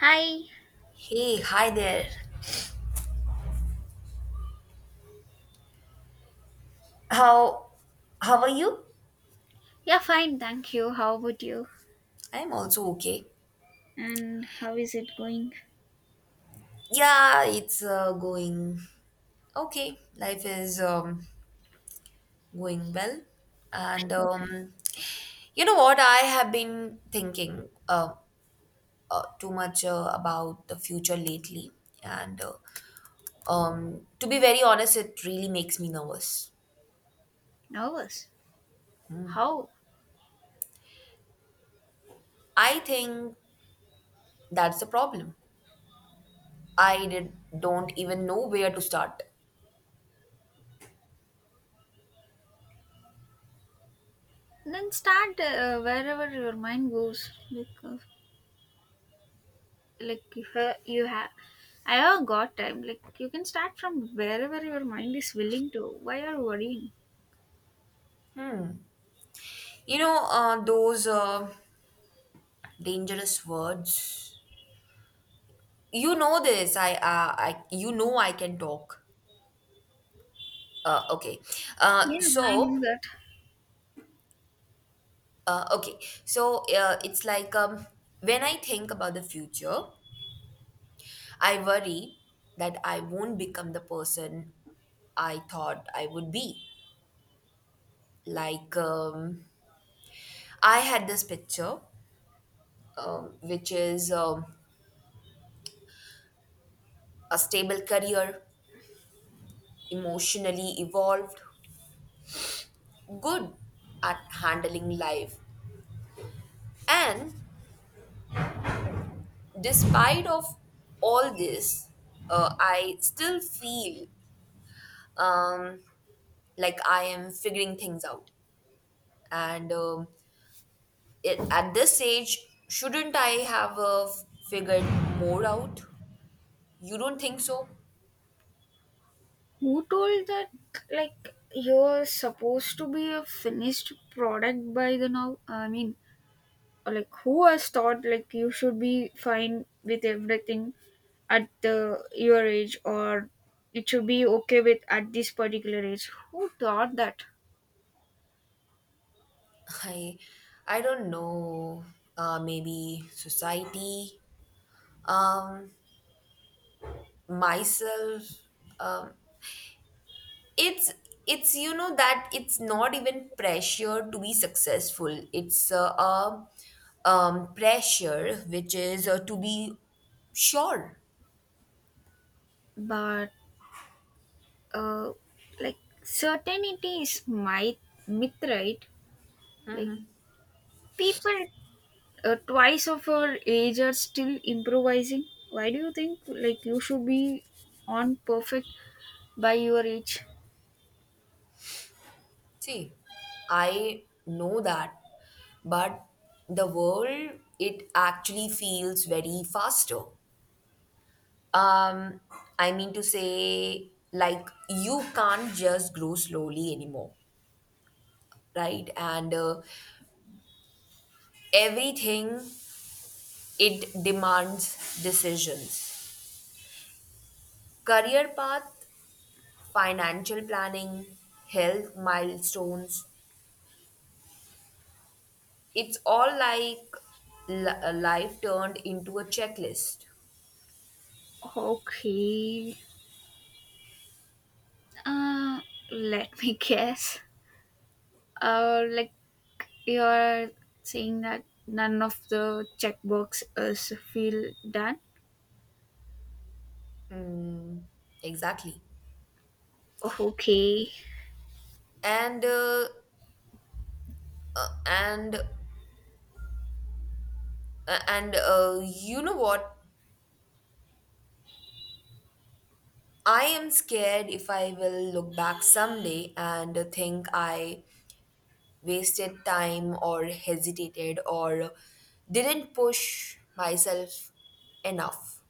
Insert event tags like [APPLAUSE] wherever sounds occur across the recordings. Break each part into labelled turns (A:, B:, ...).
A: Hi.
B: Hey, hi there. How how are you?
A: Yeah, fine. Thank you. How about you?
B: I'm also okay.
A: And how is it going?
B: Yeah, it's going okay. Life is going well. And You know what? I have been thinking too much about the future lately. And To be very honest, it really makes me nervous.
A: Nervous. How?
B: I think that's the problem. I did, don't even know where to start.
A: Then start wherever your mind goes. Like if you have, I have got time. Like you can start from wherever your mind is willing to. Why are you worrying?
B: You know, those. Dangerous words. You know this. I, you know I can talk. Okay. Uh,
A: Yeah, I
B: so,
A: know that.
B: okay. So, it's like when I think about the future, I worry that I won't become the person I thought I would be. Like, I had this picture, which is a stable career, emotionally evolved, good at handling life, and despite of all this, I still feel um, like I am figuring things out. And It, at this age, shouldn't I have figured more out? You don't think so?
A: Who told that? Like you're supposed to be a finished product by the now. I mean, like who has thought like you should be fine with everything at the your age or it should be okay with at this particular age who thought that
B: [LAUGHS] I, I don't know. Maybe society, um, myself. Um, it's it's you know that it's not even pressure to be successful. It's a pressure which is to be sure.
A: but uh like certainty is my myth, right? Like people twice of our age are still improvising. Why do you think like you should be on perfect by your age?
B: See, I know that, but the world, it actually feels very faster. Um i mean to say, like, you can't just grow slowly anymore, right? And everything, it demands decisions, career path, financial planning, health milestones. It's all like life turned into a checklist.
A: Okay, uh let me [LAUGHS] guess. Like, you are saying that none of the checkbox is feel done.
B: Exactly.
A: Okay.
B: And uh, and uh, and you know what? I am scared if I will look back someday and think I wasted time or hesitated or didn't push myself enough.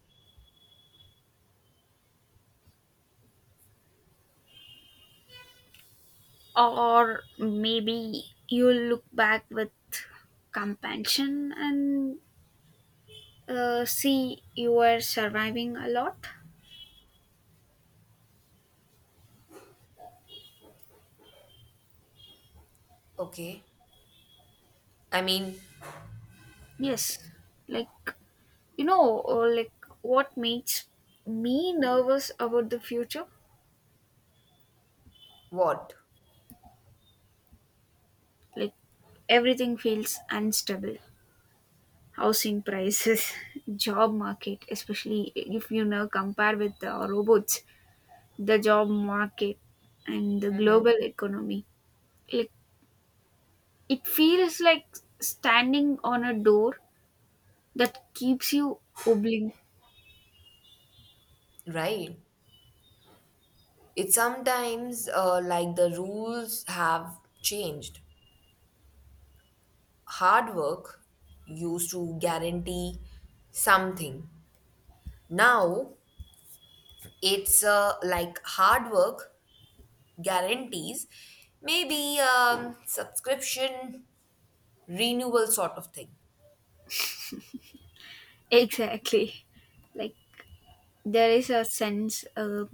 A: Or maybe you look back with compassion and see you are surviving a lot.
B: Okay. I mean,
A: Yes. Like, you know, like what makes me nervous about the future.
B: what?
A: Like everything feels unstable. Housing prices, [LAUGHS] job market, especially if you now compare with the robots, the job market and the global economy. Like it feels like standing on a door that keeps you oblique.
B: Right. It's sometimes like the rules have changed. Hard work used to guarantee something. Now it's like hard work guarantees maybe subscription renewal sort of thing.
A: Exactly. Like there is a sense uh,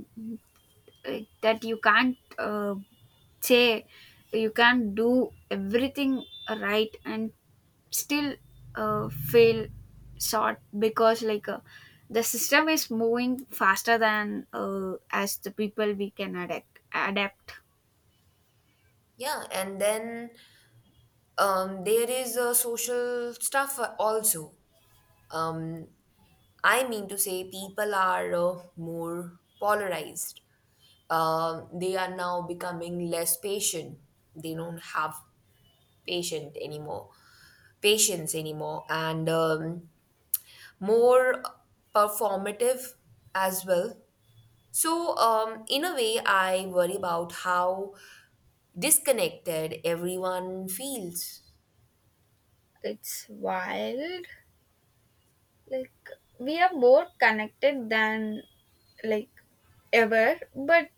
A: uh, that you can't say you can't do everything right and still feel short because like the system is moving faster than as the people we can adapt.
B: Yeah, and then there is social stuff also. Um, I mean to say, people are more polarized, they are now becoming less patient. They don't have patient anymore, patience anymore, and more performative as well. So, in a way, I worry about how disconnected everyone feels,
A: It's wild. Like, we are more connected than, like, ever, but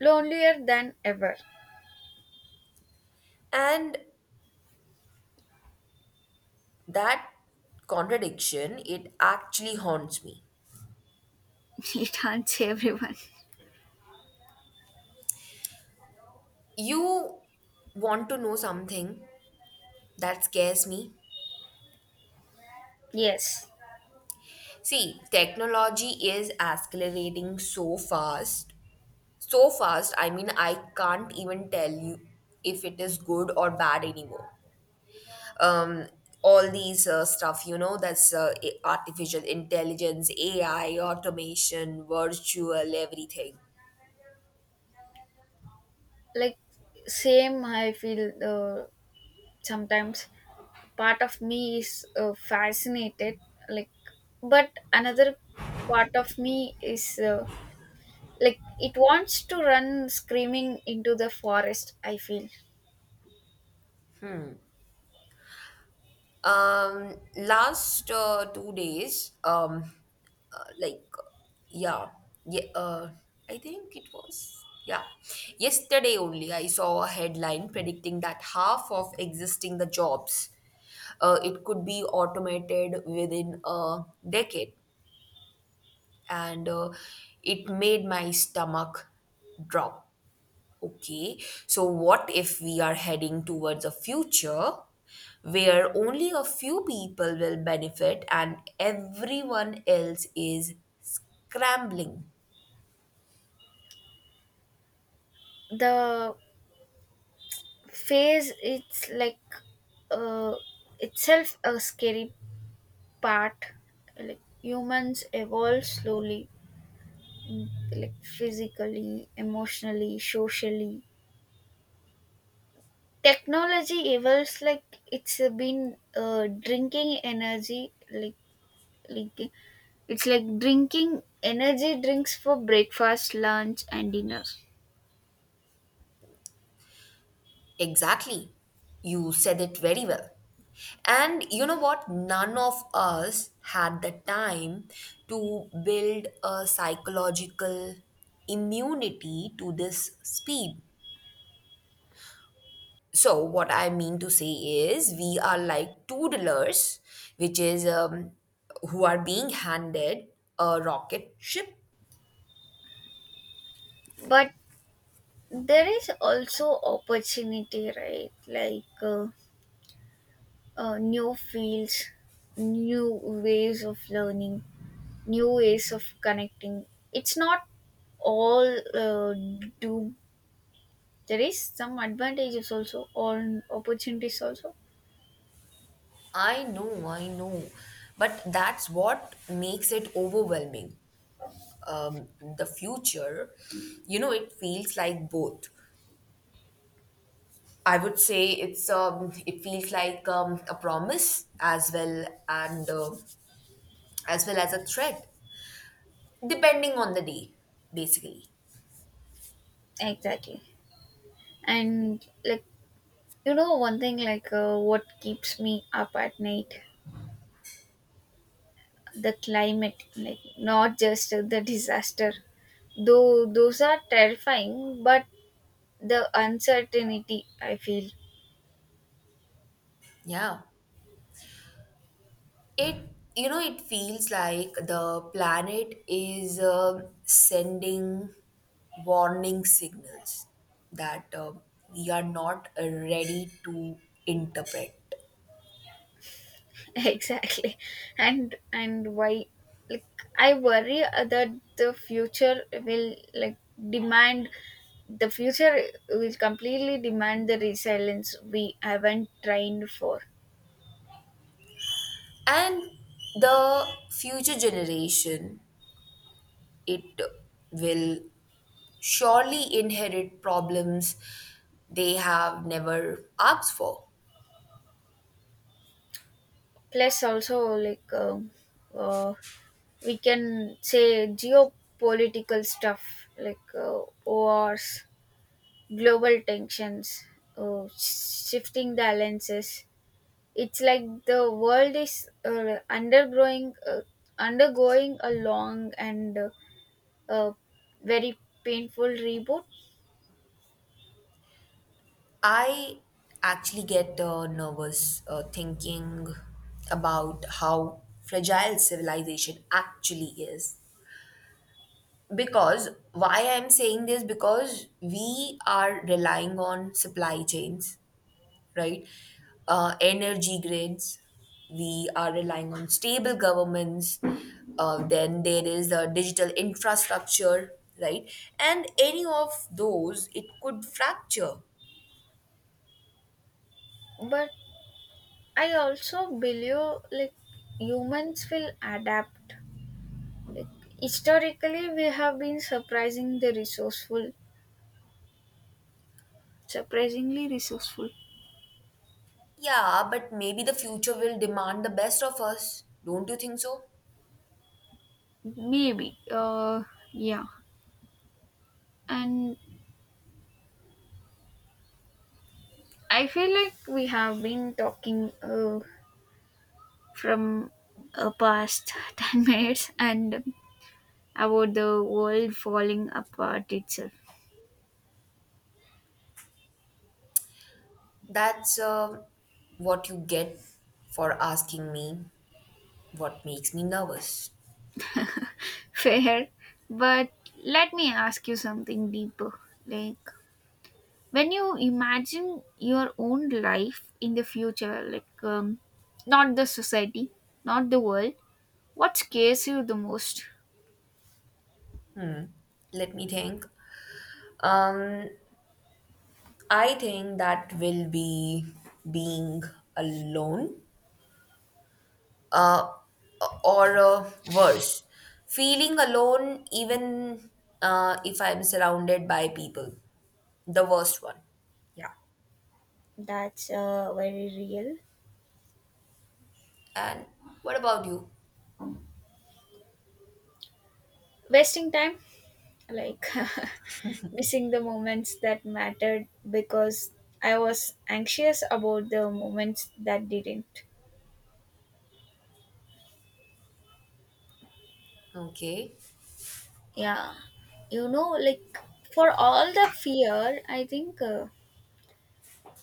A: lonelier than ever.
B: and that contradiction, it actually haunts me.
A: [LAUGHS] It haunts everyone.
B: You want to know something that scares me?
A: Yes.
B: See, technology is accelerating so fast. So fast, I mean, I can't even tell you if it is good or bad anymore. Um, all these stuff, you know, that's artificial intelligence, AI, automation, virtual, everything.
A: Like, same, I feel sometimes. Part of me is fascinated, like, but another part of me is like, it wants to run screaming into the forest, I feel.
B: Last 2 days, uh, like, yeah, yeah, I think it was, yeah, yesterday only, I saw a headline predicting that half of existing the jobs, it could be automated within a decade, and it made my stomach drop. Okay, so what if we are heading towards a future where only a few people will benefit and everyone else is scrambling?
A: The phase, it's like uh, itself a scary part. Like humans evolve slowly. mm, like physically, emotionally, socially, technology evolves, like, it's been drinking energy, like Like it's like drinking energy drinks for breakfast, lunch, and dinner.
B: Exactly. You said it very well. And you know what? None of us had the time to build a psychological immunity to this speed. So, what I mean to say is, we are like toddlers, which is who are being handed a rocket ship.
A: But there is also opportunity, right? Like new fields, new ways of learning, new ways of connecting. It's not all uh, doom. There is some advantages also, or opportunities also.
B: I know, but that's what makes it overwhelming. Um, the future, you know, it feels like both. I would say it's it feels like a promise as well and as well as a threat, depending on the day, basically.
A: Exactly. And like, you know, one thing like what keeps me up at night, the climate, like not just the disaster, though those are terrifying, but the uncertainty I feel.
B: Yeah. It, you know, it feels like the planet is sending warning signals that we are not ready to interpret.
A: [LAUGHS] Exactly. And why, like, I worry that the future will like demand the future will completely demand the resilience we haven't trained for.
B: And the future generation, it will surely inherit problems they have never asked for.
A: Plus also, like, uh, we can say geopolitical stuff like wars, global tensions, shifting the alliances. It's like the world is undergoing a long and uh, very painful reboot.
B: I actually get nervous thinking about how fragile civilization actually is. Because why I'm saying this, because we are relying on supply chains, right? Energy grids, we are relying on stable governments, then there is the digital infrastructure, right? And any of those, it could fracture.
A: But I also believe like humans will adapt. Like, historically, we have been surprisingly resourceful.
B: Yeah, but maybe the future will demand the best of us. Don't you think so?
A: Maybe. Yeah. And I feel like we have been talking from past [LAUGHS] 10 minutes and about the world falling apart itself.
B: That's what you get for asking me what makes me nervous.
A: [LAUGHS] Fair. But let me ask you something deeper. Like, when you imagine your own life in the future, like, not the society, not the world, what scares you the most?
B: Let me think. Um, I think that will be being alone, uh, or worse, feeling alone even if I'm surrounded by people. The worst one. Yeah.
A: That's very real.
B: And what about you?
A: Wasting time? Like, [LAUGHS] missing the moments that mattered because I was anxious about the moments that didn't.
B: Okay.
A: Yeah, you know, like, for all the fear, I think uh,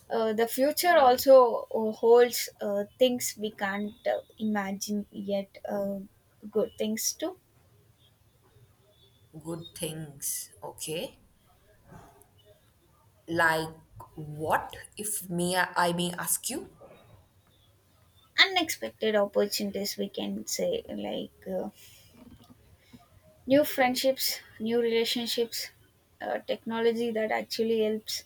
A: uh, the future also holds things we can't imagine yet. Good things too.
B: Good things, okay. Like what, if I may ask you?
A: Unexpected opportunities, we can say, like new friendships, new relationships, technology that actually helps,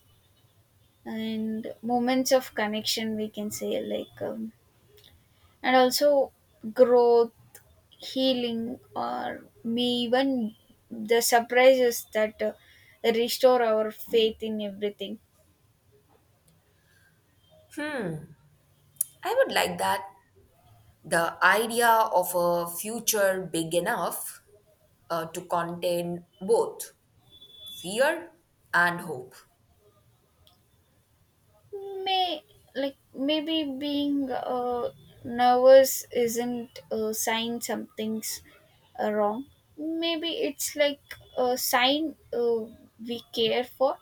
A: and moments of connection, we can say, like, and also growth, healing, or may even the surprises that restore our faith in everything.
B: I would like that. The idea of a future big enough to contain both fear and hope.
A: May, like, maybe being nervous isn't a sign something's wrong. Maybe it's like a sign we care for.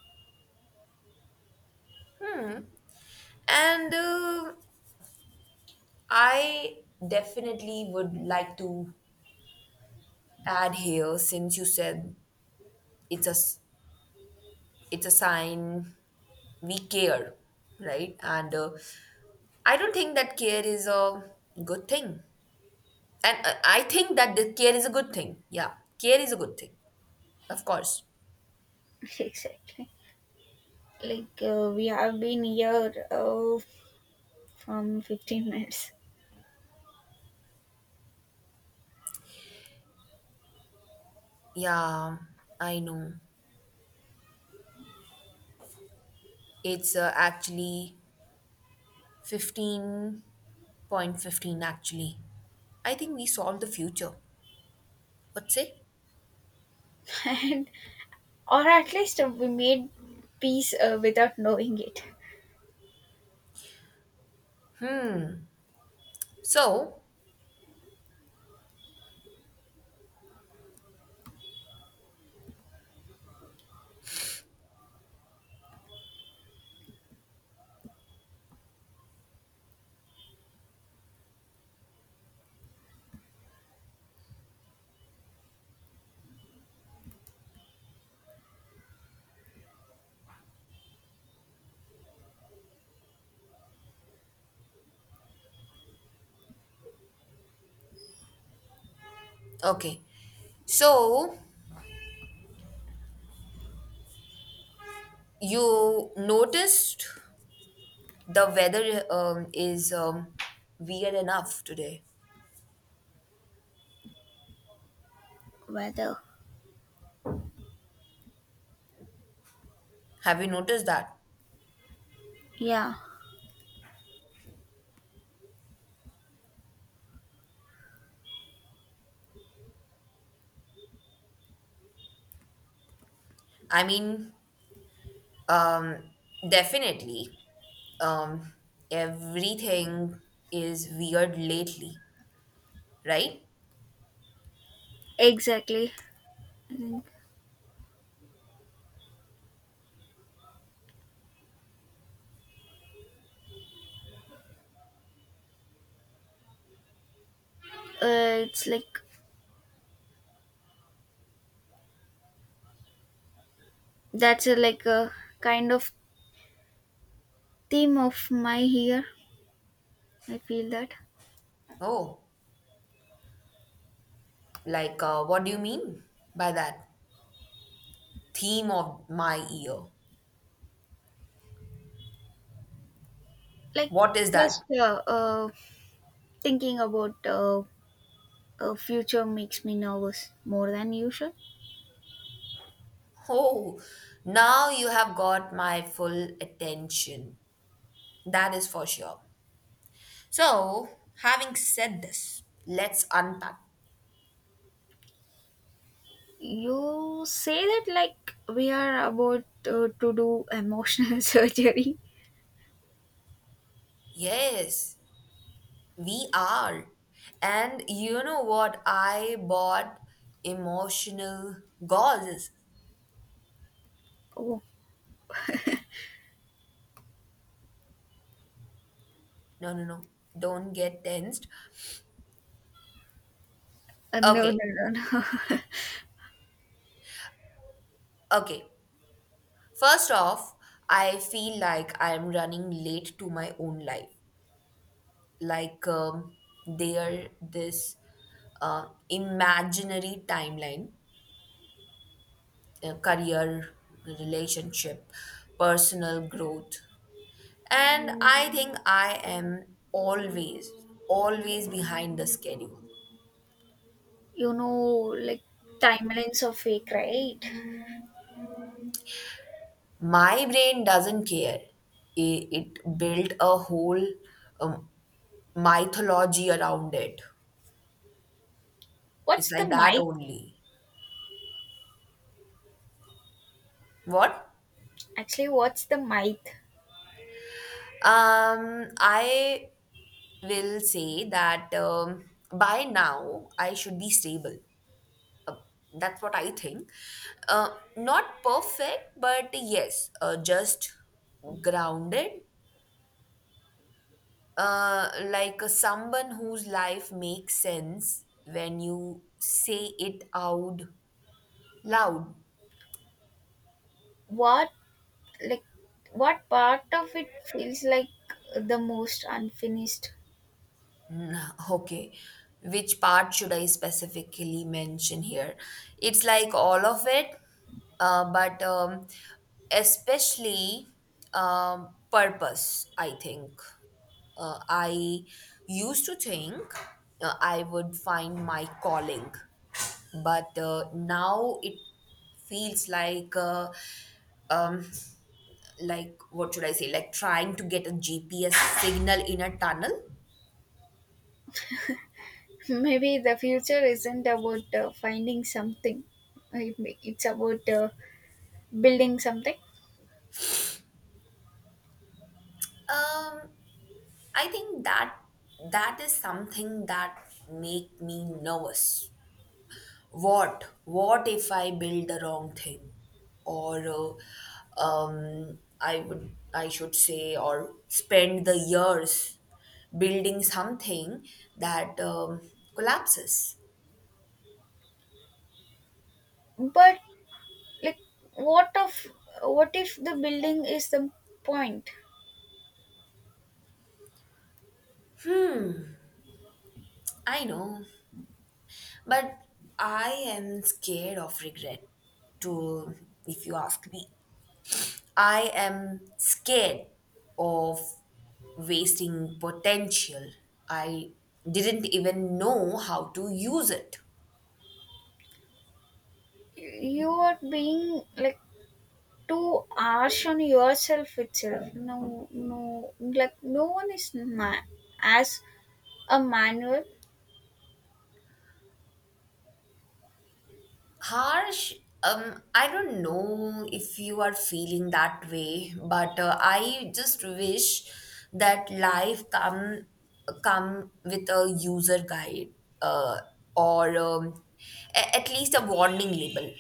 B: And I definitely would like to add here, since you said it's a s- it's a sign we care, right? And I don't think that care is a good thing. And I think that the care is a good thing. Yeah, care is a good thing, of course.
A: [LAUGHS] Exactly, like, we have been here from 15 minutes.
B: Yeah, I know. It's actually 15:15 actually. I think we solved the future. What say?
A: [LAUGHS] And or at least we made peace without knowing it.
B: So, okay. So, you noticed the weather is weird enough today.
A: Weather.
B: Have you noticed that?
A: Yeah.
B: I mean, um, definitely. Um, Everything is weird lately, right?
A: Exactly. And, it's like that's like a kind of theme of my year, I feel that.
B: Oh, like what do you mean by that? Theme of my year.
A: Like,
B: What is that?
A: just thinking about future makes me nervous more than usual.
B: Oh, now you have got my full attention. That is for sure. So, having said this, let's unpack.
A: You say that like we are about to do emotional [LAUGHS] surgery.
B: Yes, we are. And you know what? I bought emotional gauzes.
A: Oh.
B: No, no, no. Don't get tensed.
A: No,
B: Okay,
A: no, no, no.
B: okay. First off, I feel like I am running late to my own life. Like this imaginary timeline, career, relationship, personal growth, and I think I am always behind the schedule.
A: [LAUGHS] You know, like, timelines are fake, right?
B: My brain doesn't care. It built a whole um, mythology around it. It's
A: What's
B: like
A: the
B: that
A: myth?
B: only. What?
A: Actually, what's the myth?
B: I will say that by now I should be stable. Uh, that's what I think. Uh, Not perfect, but yes, just grounded, like someone whose life makes sense when you say it out loud. [LAUGHS]
A: What, like, what part of it feels like the most unfinished?
B: Mm, okay, which part should I specifically mention here? It's like all of it, but especially purpose, I think. I used to think I would find my calling, but now it feels um like what should I say, like trying to get a GPS signal in a tunnel.
A: [LAUGHS] Maybe the future isn't about finding something. It's about building something.
B: Um i think that that is something that make me nervous. What if I build the wrong thing, or I should say, or spend the years building something that collapses.
A: But like, what of what if the building is the point?
B: I know. But I am scared of regret, to, if you ask me. I am scared of wasting potential. I didn't even know how to use it.
A: You are being like too harsh on yourself itself. No, no, like no one is as a manual.
B: Harsh, I don't know if you are feeling that way, but I just wish that life come come with a user guide, uh, or at least a warning label.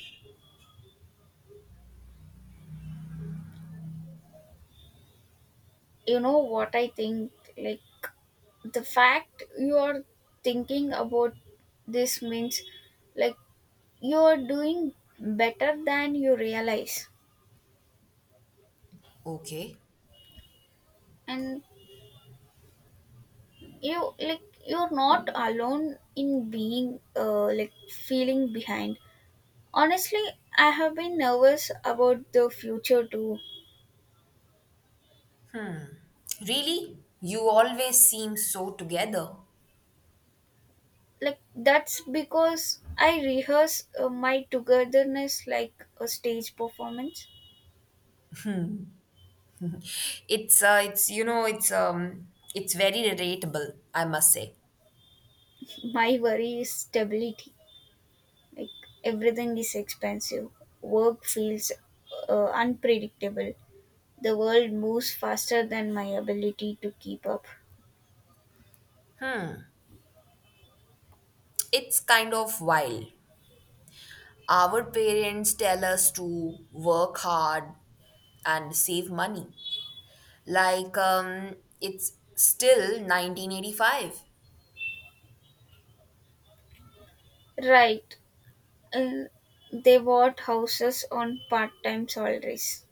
A: You know what I think? Like the fact you are thinking about this means like you are doing better than you realize,
B: Okay.
A: and you, like, you're not alone in being like feeling behind. Honestly, I have been nervous about the future too.
B: Really? You always seem so together.
A: Like, that's because I rehearse my togetherness like a stage performance.
B: It's you know, it's very relatable, I must say.
A: [LAUGHS] My worry is stability. Like everything is expensive, work feels unpredictable, the world moves faster than my ability to keep up.
B: It's kind of wild. Our parents tell us to work hard and save money. Like it's still 1985.
A: Right. uh, they bought houses on part-time salaries.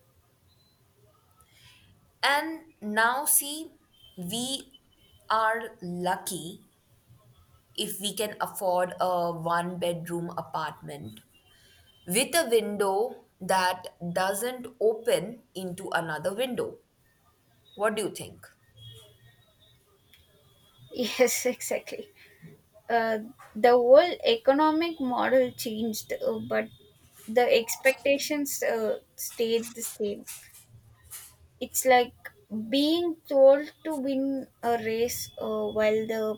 B: And now see, we are lucky if we can afford a one bedroom apartment with a window that doesn't open into another window. What do you think?
A: [LAUGHS] Yes, exactly. uh, the whole economic model changed, but the expectations stayed the same. It's like being told to win a race while the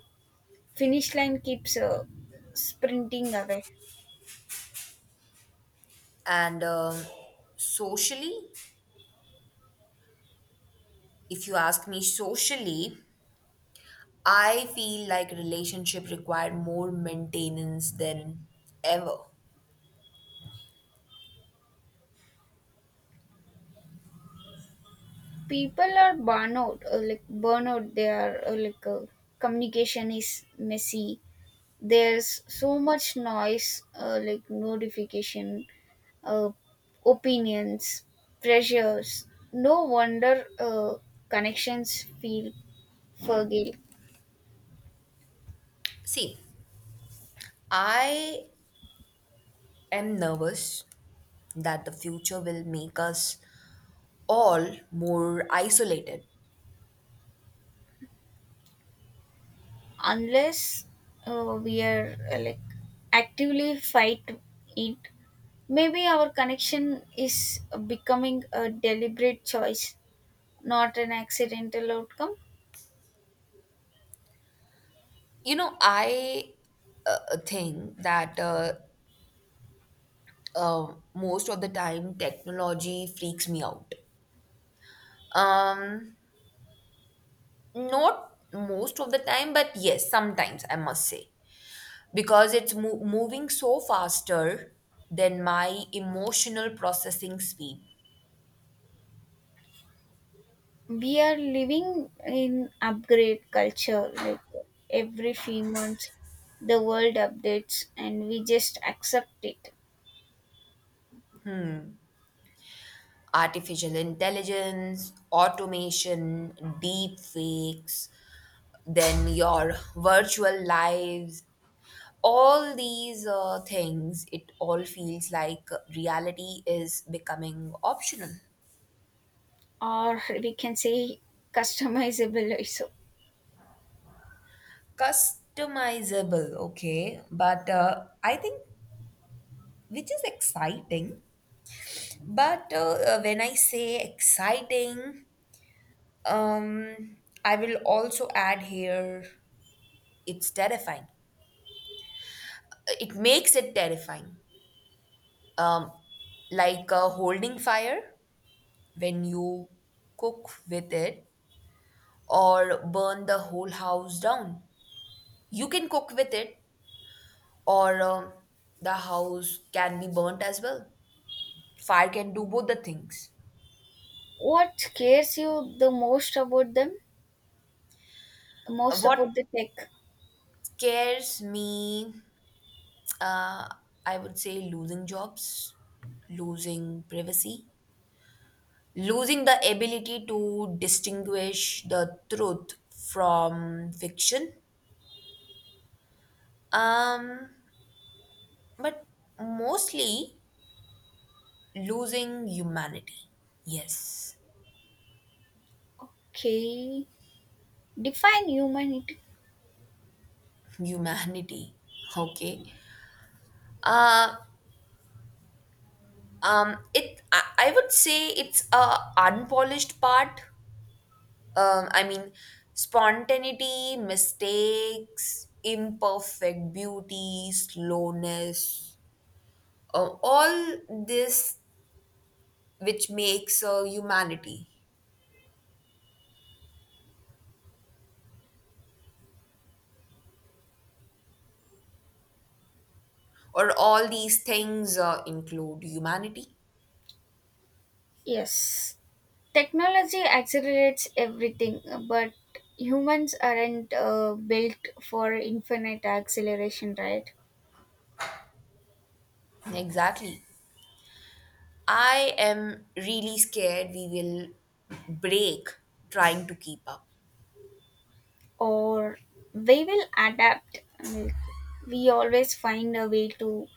A: finish line keeps sprinting away.
B: And socially, if you ask me, socially, I feel like relationship require more maintenance than ever.
A: People are burnout, They are communication is messy. There's so much noise like notification, uh, opinions, pressures. No wonder connections feel fragile.
B: See, I am nervous that the future will make us all more isolated.
A: Unless we are like actively fight it. Maybe our connection is becoming a deliberate choice, not an accidental outcome.
B: You know, I think that uh, most of the time technology freaks me out. Um, Not most of the time, but yes, sometimes I must say, because it's moving so faster than my emotional processing speed.
A: We are living in upgrade culture. Like every few months the world updates and we just accept it.
B: Artificial intelligence, automation, deep fakes, then your virtual lives, all these things, it all feels like reality is becoming optional.
A: Or we can say customizable also.
B: Customizable, okay. But I think, which is exciting. But when I say exciting, I will also add here, it's terrifying. It makes it terrifying. Um, like holding fire when you cook with it or burn the whole house down. You can cook with it, or the house can be burnt as well. Fire can do both the things.
A: What scares you the most about them most
B: What
A: about the tech?
B: scares me, uh, I would say, losing jobs, losing privacy, losing the ability to distinguish the truth from fiction, um but mostly losing humanity. Yes.
A: Okay, define humanity.
B: [LAUGHS] Humanity, okay. uh I would say it's a unpolished part. I mean, spontaneity, mistakes, imperfect beauty, slowness, all this which makes humanity, or all these things include humanity.
A: Yes, technology accelerates everything, but humans aren't built for infinite acceleration, right?
B: Exactly. I am really scared we will break trying to keep up.
A: Or we will adapt. Like, we always find a way to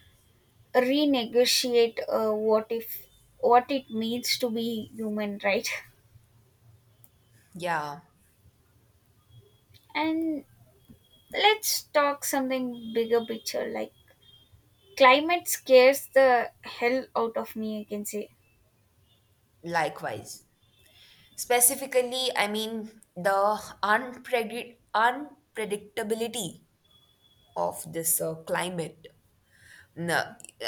A: renegotiate what if what it means to be human, right?
B: Yeah,
A: [LAUGHS] And let's talk something bigger picture. Like, climate scares the hell out of me, I can say.
B: likewise. Specifically, I mean, the unpredictability of this climate. No,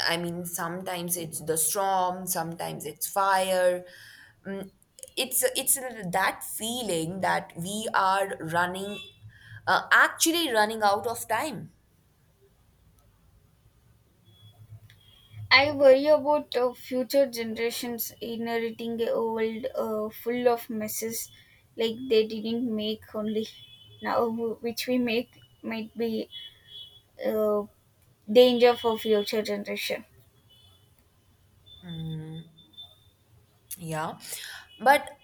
B: I mean, sometimes it's the storm, sometimes it's fire. Mm, it's that feeling that we are actually running out of time.
A: I worry about future generations inheriting a world full of messes, like they didn't make only. Now, which we make might be uh, danger for future generation.
B: Yeah, but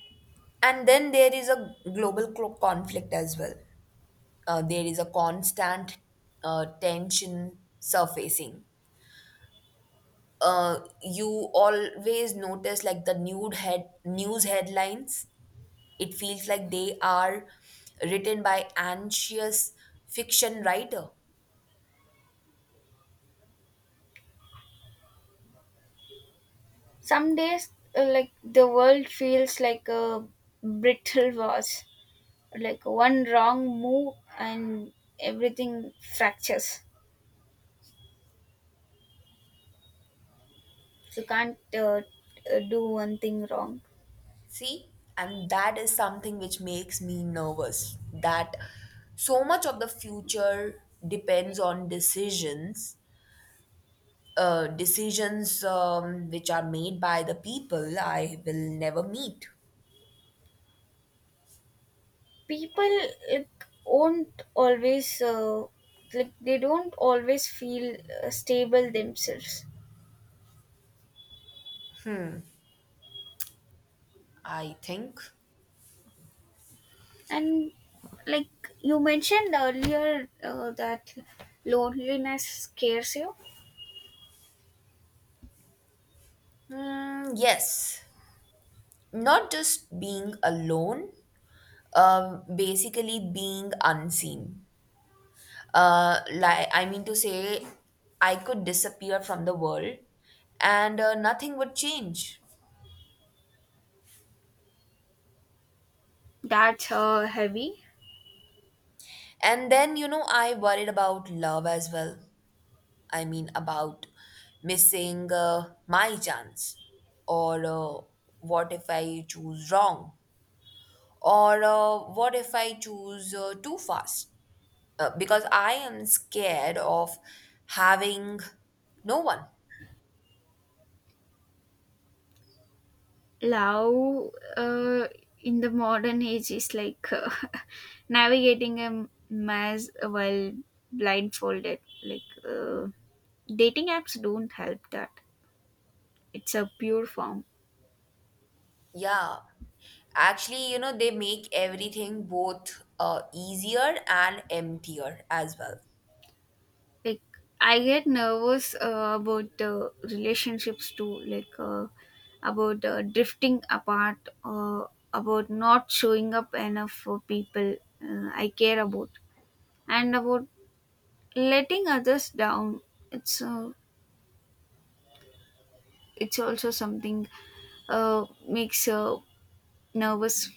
B: and then there is a global conflict as well. There is a constant tension surfacing. You always notice like the nude head news headlines. It feels like they are written by anxious fiction writer.
A: Some days, like the world feels like a brittle vase, like one wrong move and everything fractures. You can't do one thing wrong.
B: See, and that is something which makes me nervous that so much of the future depends on decisions which are made by the people I will never meet.
A: People like won't always like they don't always feel stable themselves,
B: I think.
A: and like you mentioned earlier that loneliness scares you.
B: Hmm, yes. Not just being alone, basically being unseen. Like I mean to say, I could disappear from the world and nothing would change.
A: That's heavy.
B: And then, you know, I worried about love as well. I mean, about missing my chance. Or what if I choose wrong? Or what if I choose too fast? Because I am scared of having no one.
A: Love uh, in the modern age is like [LAUGHS] navigating a maze while blindfolded. Like dating apps don't help that. It's a pure form.
B: Yeah. Actually, you know, they make everything both easier and emptier as well.
A: Like I get nervous about relationships too. Like about drifting apart. About not showing up enough for people I care about, and about letting others down. it's uh, it's also something makes nervous.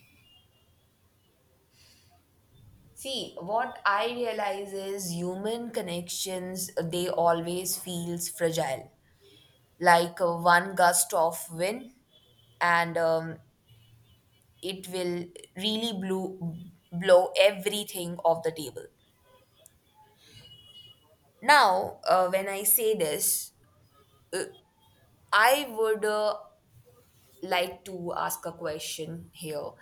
B: See, what I realize is human connections, they always feels fragile. Like one gust of wind and it will really blow everything off the table. Now, when I say this, uh, I would like to ask a question here.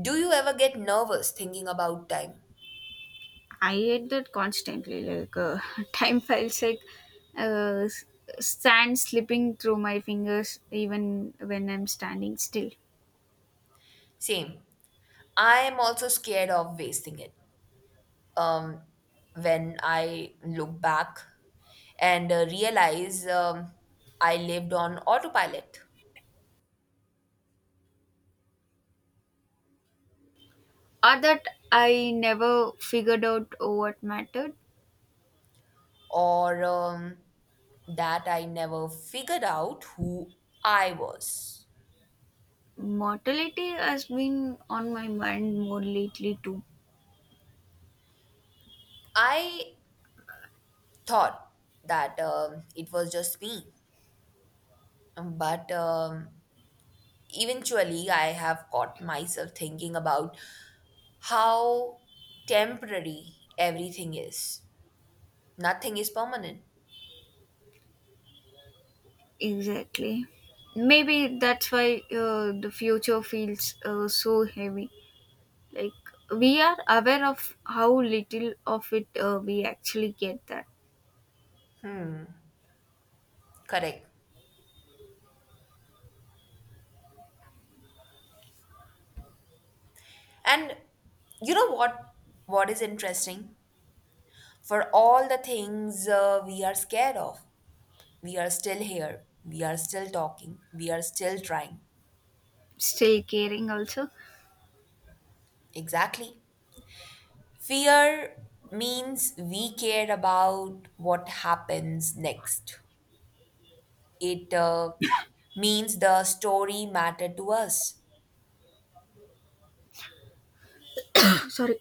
B: Do you ever get nervous thinking about time?
A: I hate that constantly. Like, [LAUGHS] time feels like uh, s- sand slipping through my fingers even when I'm standing still.
B: Same. I am also scared of wasting it. Um, when I look back and realize I lived on autopilot,
A: Or that I never figured out what mattered.
B: or that I never figured out who I was.
A: Mortality has been on my mind more lately too.
B: I thought that it was just me, but eventually I have caught myself thinking about how temporary everything is. Nothing is permanent.
A: Exactly. Maybe that's why the future feels so heavy. Like, we are aware of how little of it we actually get that.
B: Correct. And you know what is interesting? For all the things we are scared of, we are still here. We are still talking. We are still trying.
A: Still caring also. [SIGHS]
B: Exactly. Fear means we care about what happens next. It means the story matter to us.
A: [COUGHS] Sorry.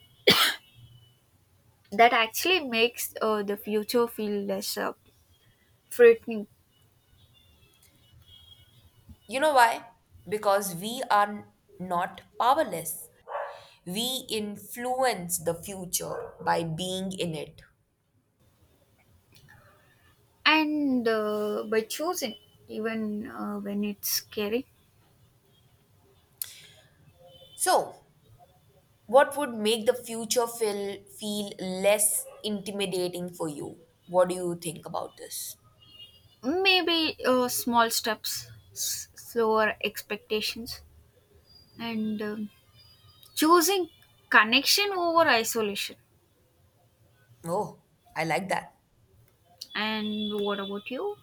A: That actually makes the future feel less frightening.
B: You know why? Because we are not powerless. We influence the future by being in it.
A: And by choosing, even when it's scary,
B: So, what would make the future feel less intimidating for you? What do you think about this?
A: maybe small steps, slower expectations, and choosing connection over isolation.
B: Oh, I like that.
A: And what about you?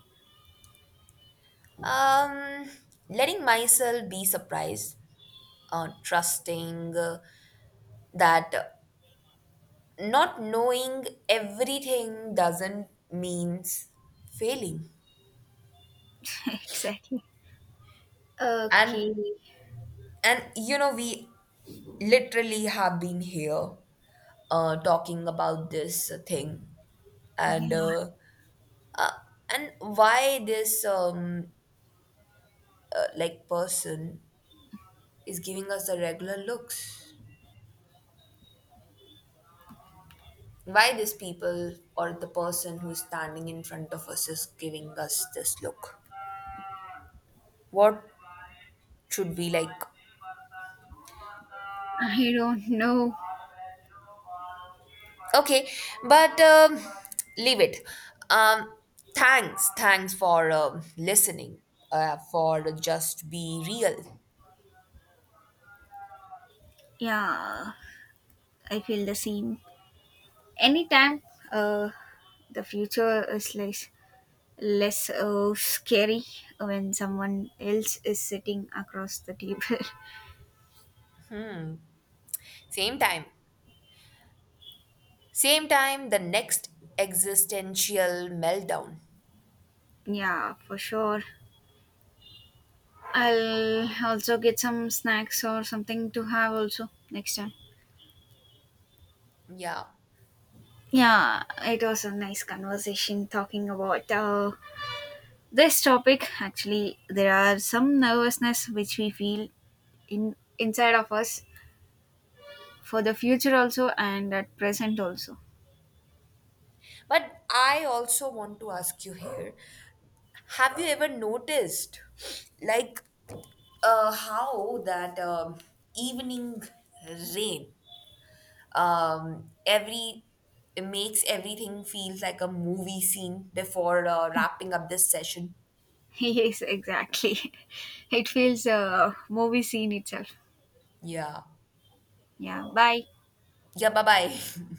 B: Um, Letting myself be surprised, trusting that not knowing everything doesn't means failing.
A: [LAUGHS] Exactly.
B: and
A: Okay.
B: and you know, we literally have been here talking about this thing
A: Yeah.
B: and uh, uh, and why this like person is giving us the regular looks why this people or the person who's standing in front of us is giving us this look. What should we like?
A: I don't know.
B: Okay, but leave it. Um, Thanks, thanks for listening, for just be real.
A: Yeah, I feel the same. Anytime uh, the future is less scary when someone else is sitting across the table.
B: Same time, same time, the next existential meltdown.
A: [LAUGHS] Yeah, for sure. I'll also get some snacks or something to have also next time.
B: Yeah.
A: Yeah, it was a nice conversation talking about this topic. Actually, there are some nervousness which we feel in inside of us for the future also and at present also.
B: But I also want to ask you here, have you ever noticed, like, how that evening rain every it makes everything feels like a movie scene before wrapping up this session.
A: [LAUGHS] Yes, exactly. [LAUGHS] It feels a movie scene itself.
B: Yeah.
A: Yeah, bye.
B: Yeah, bye bye. [LAUGHS]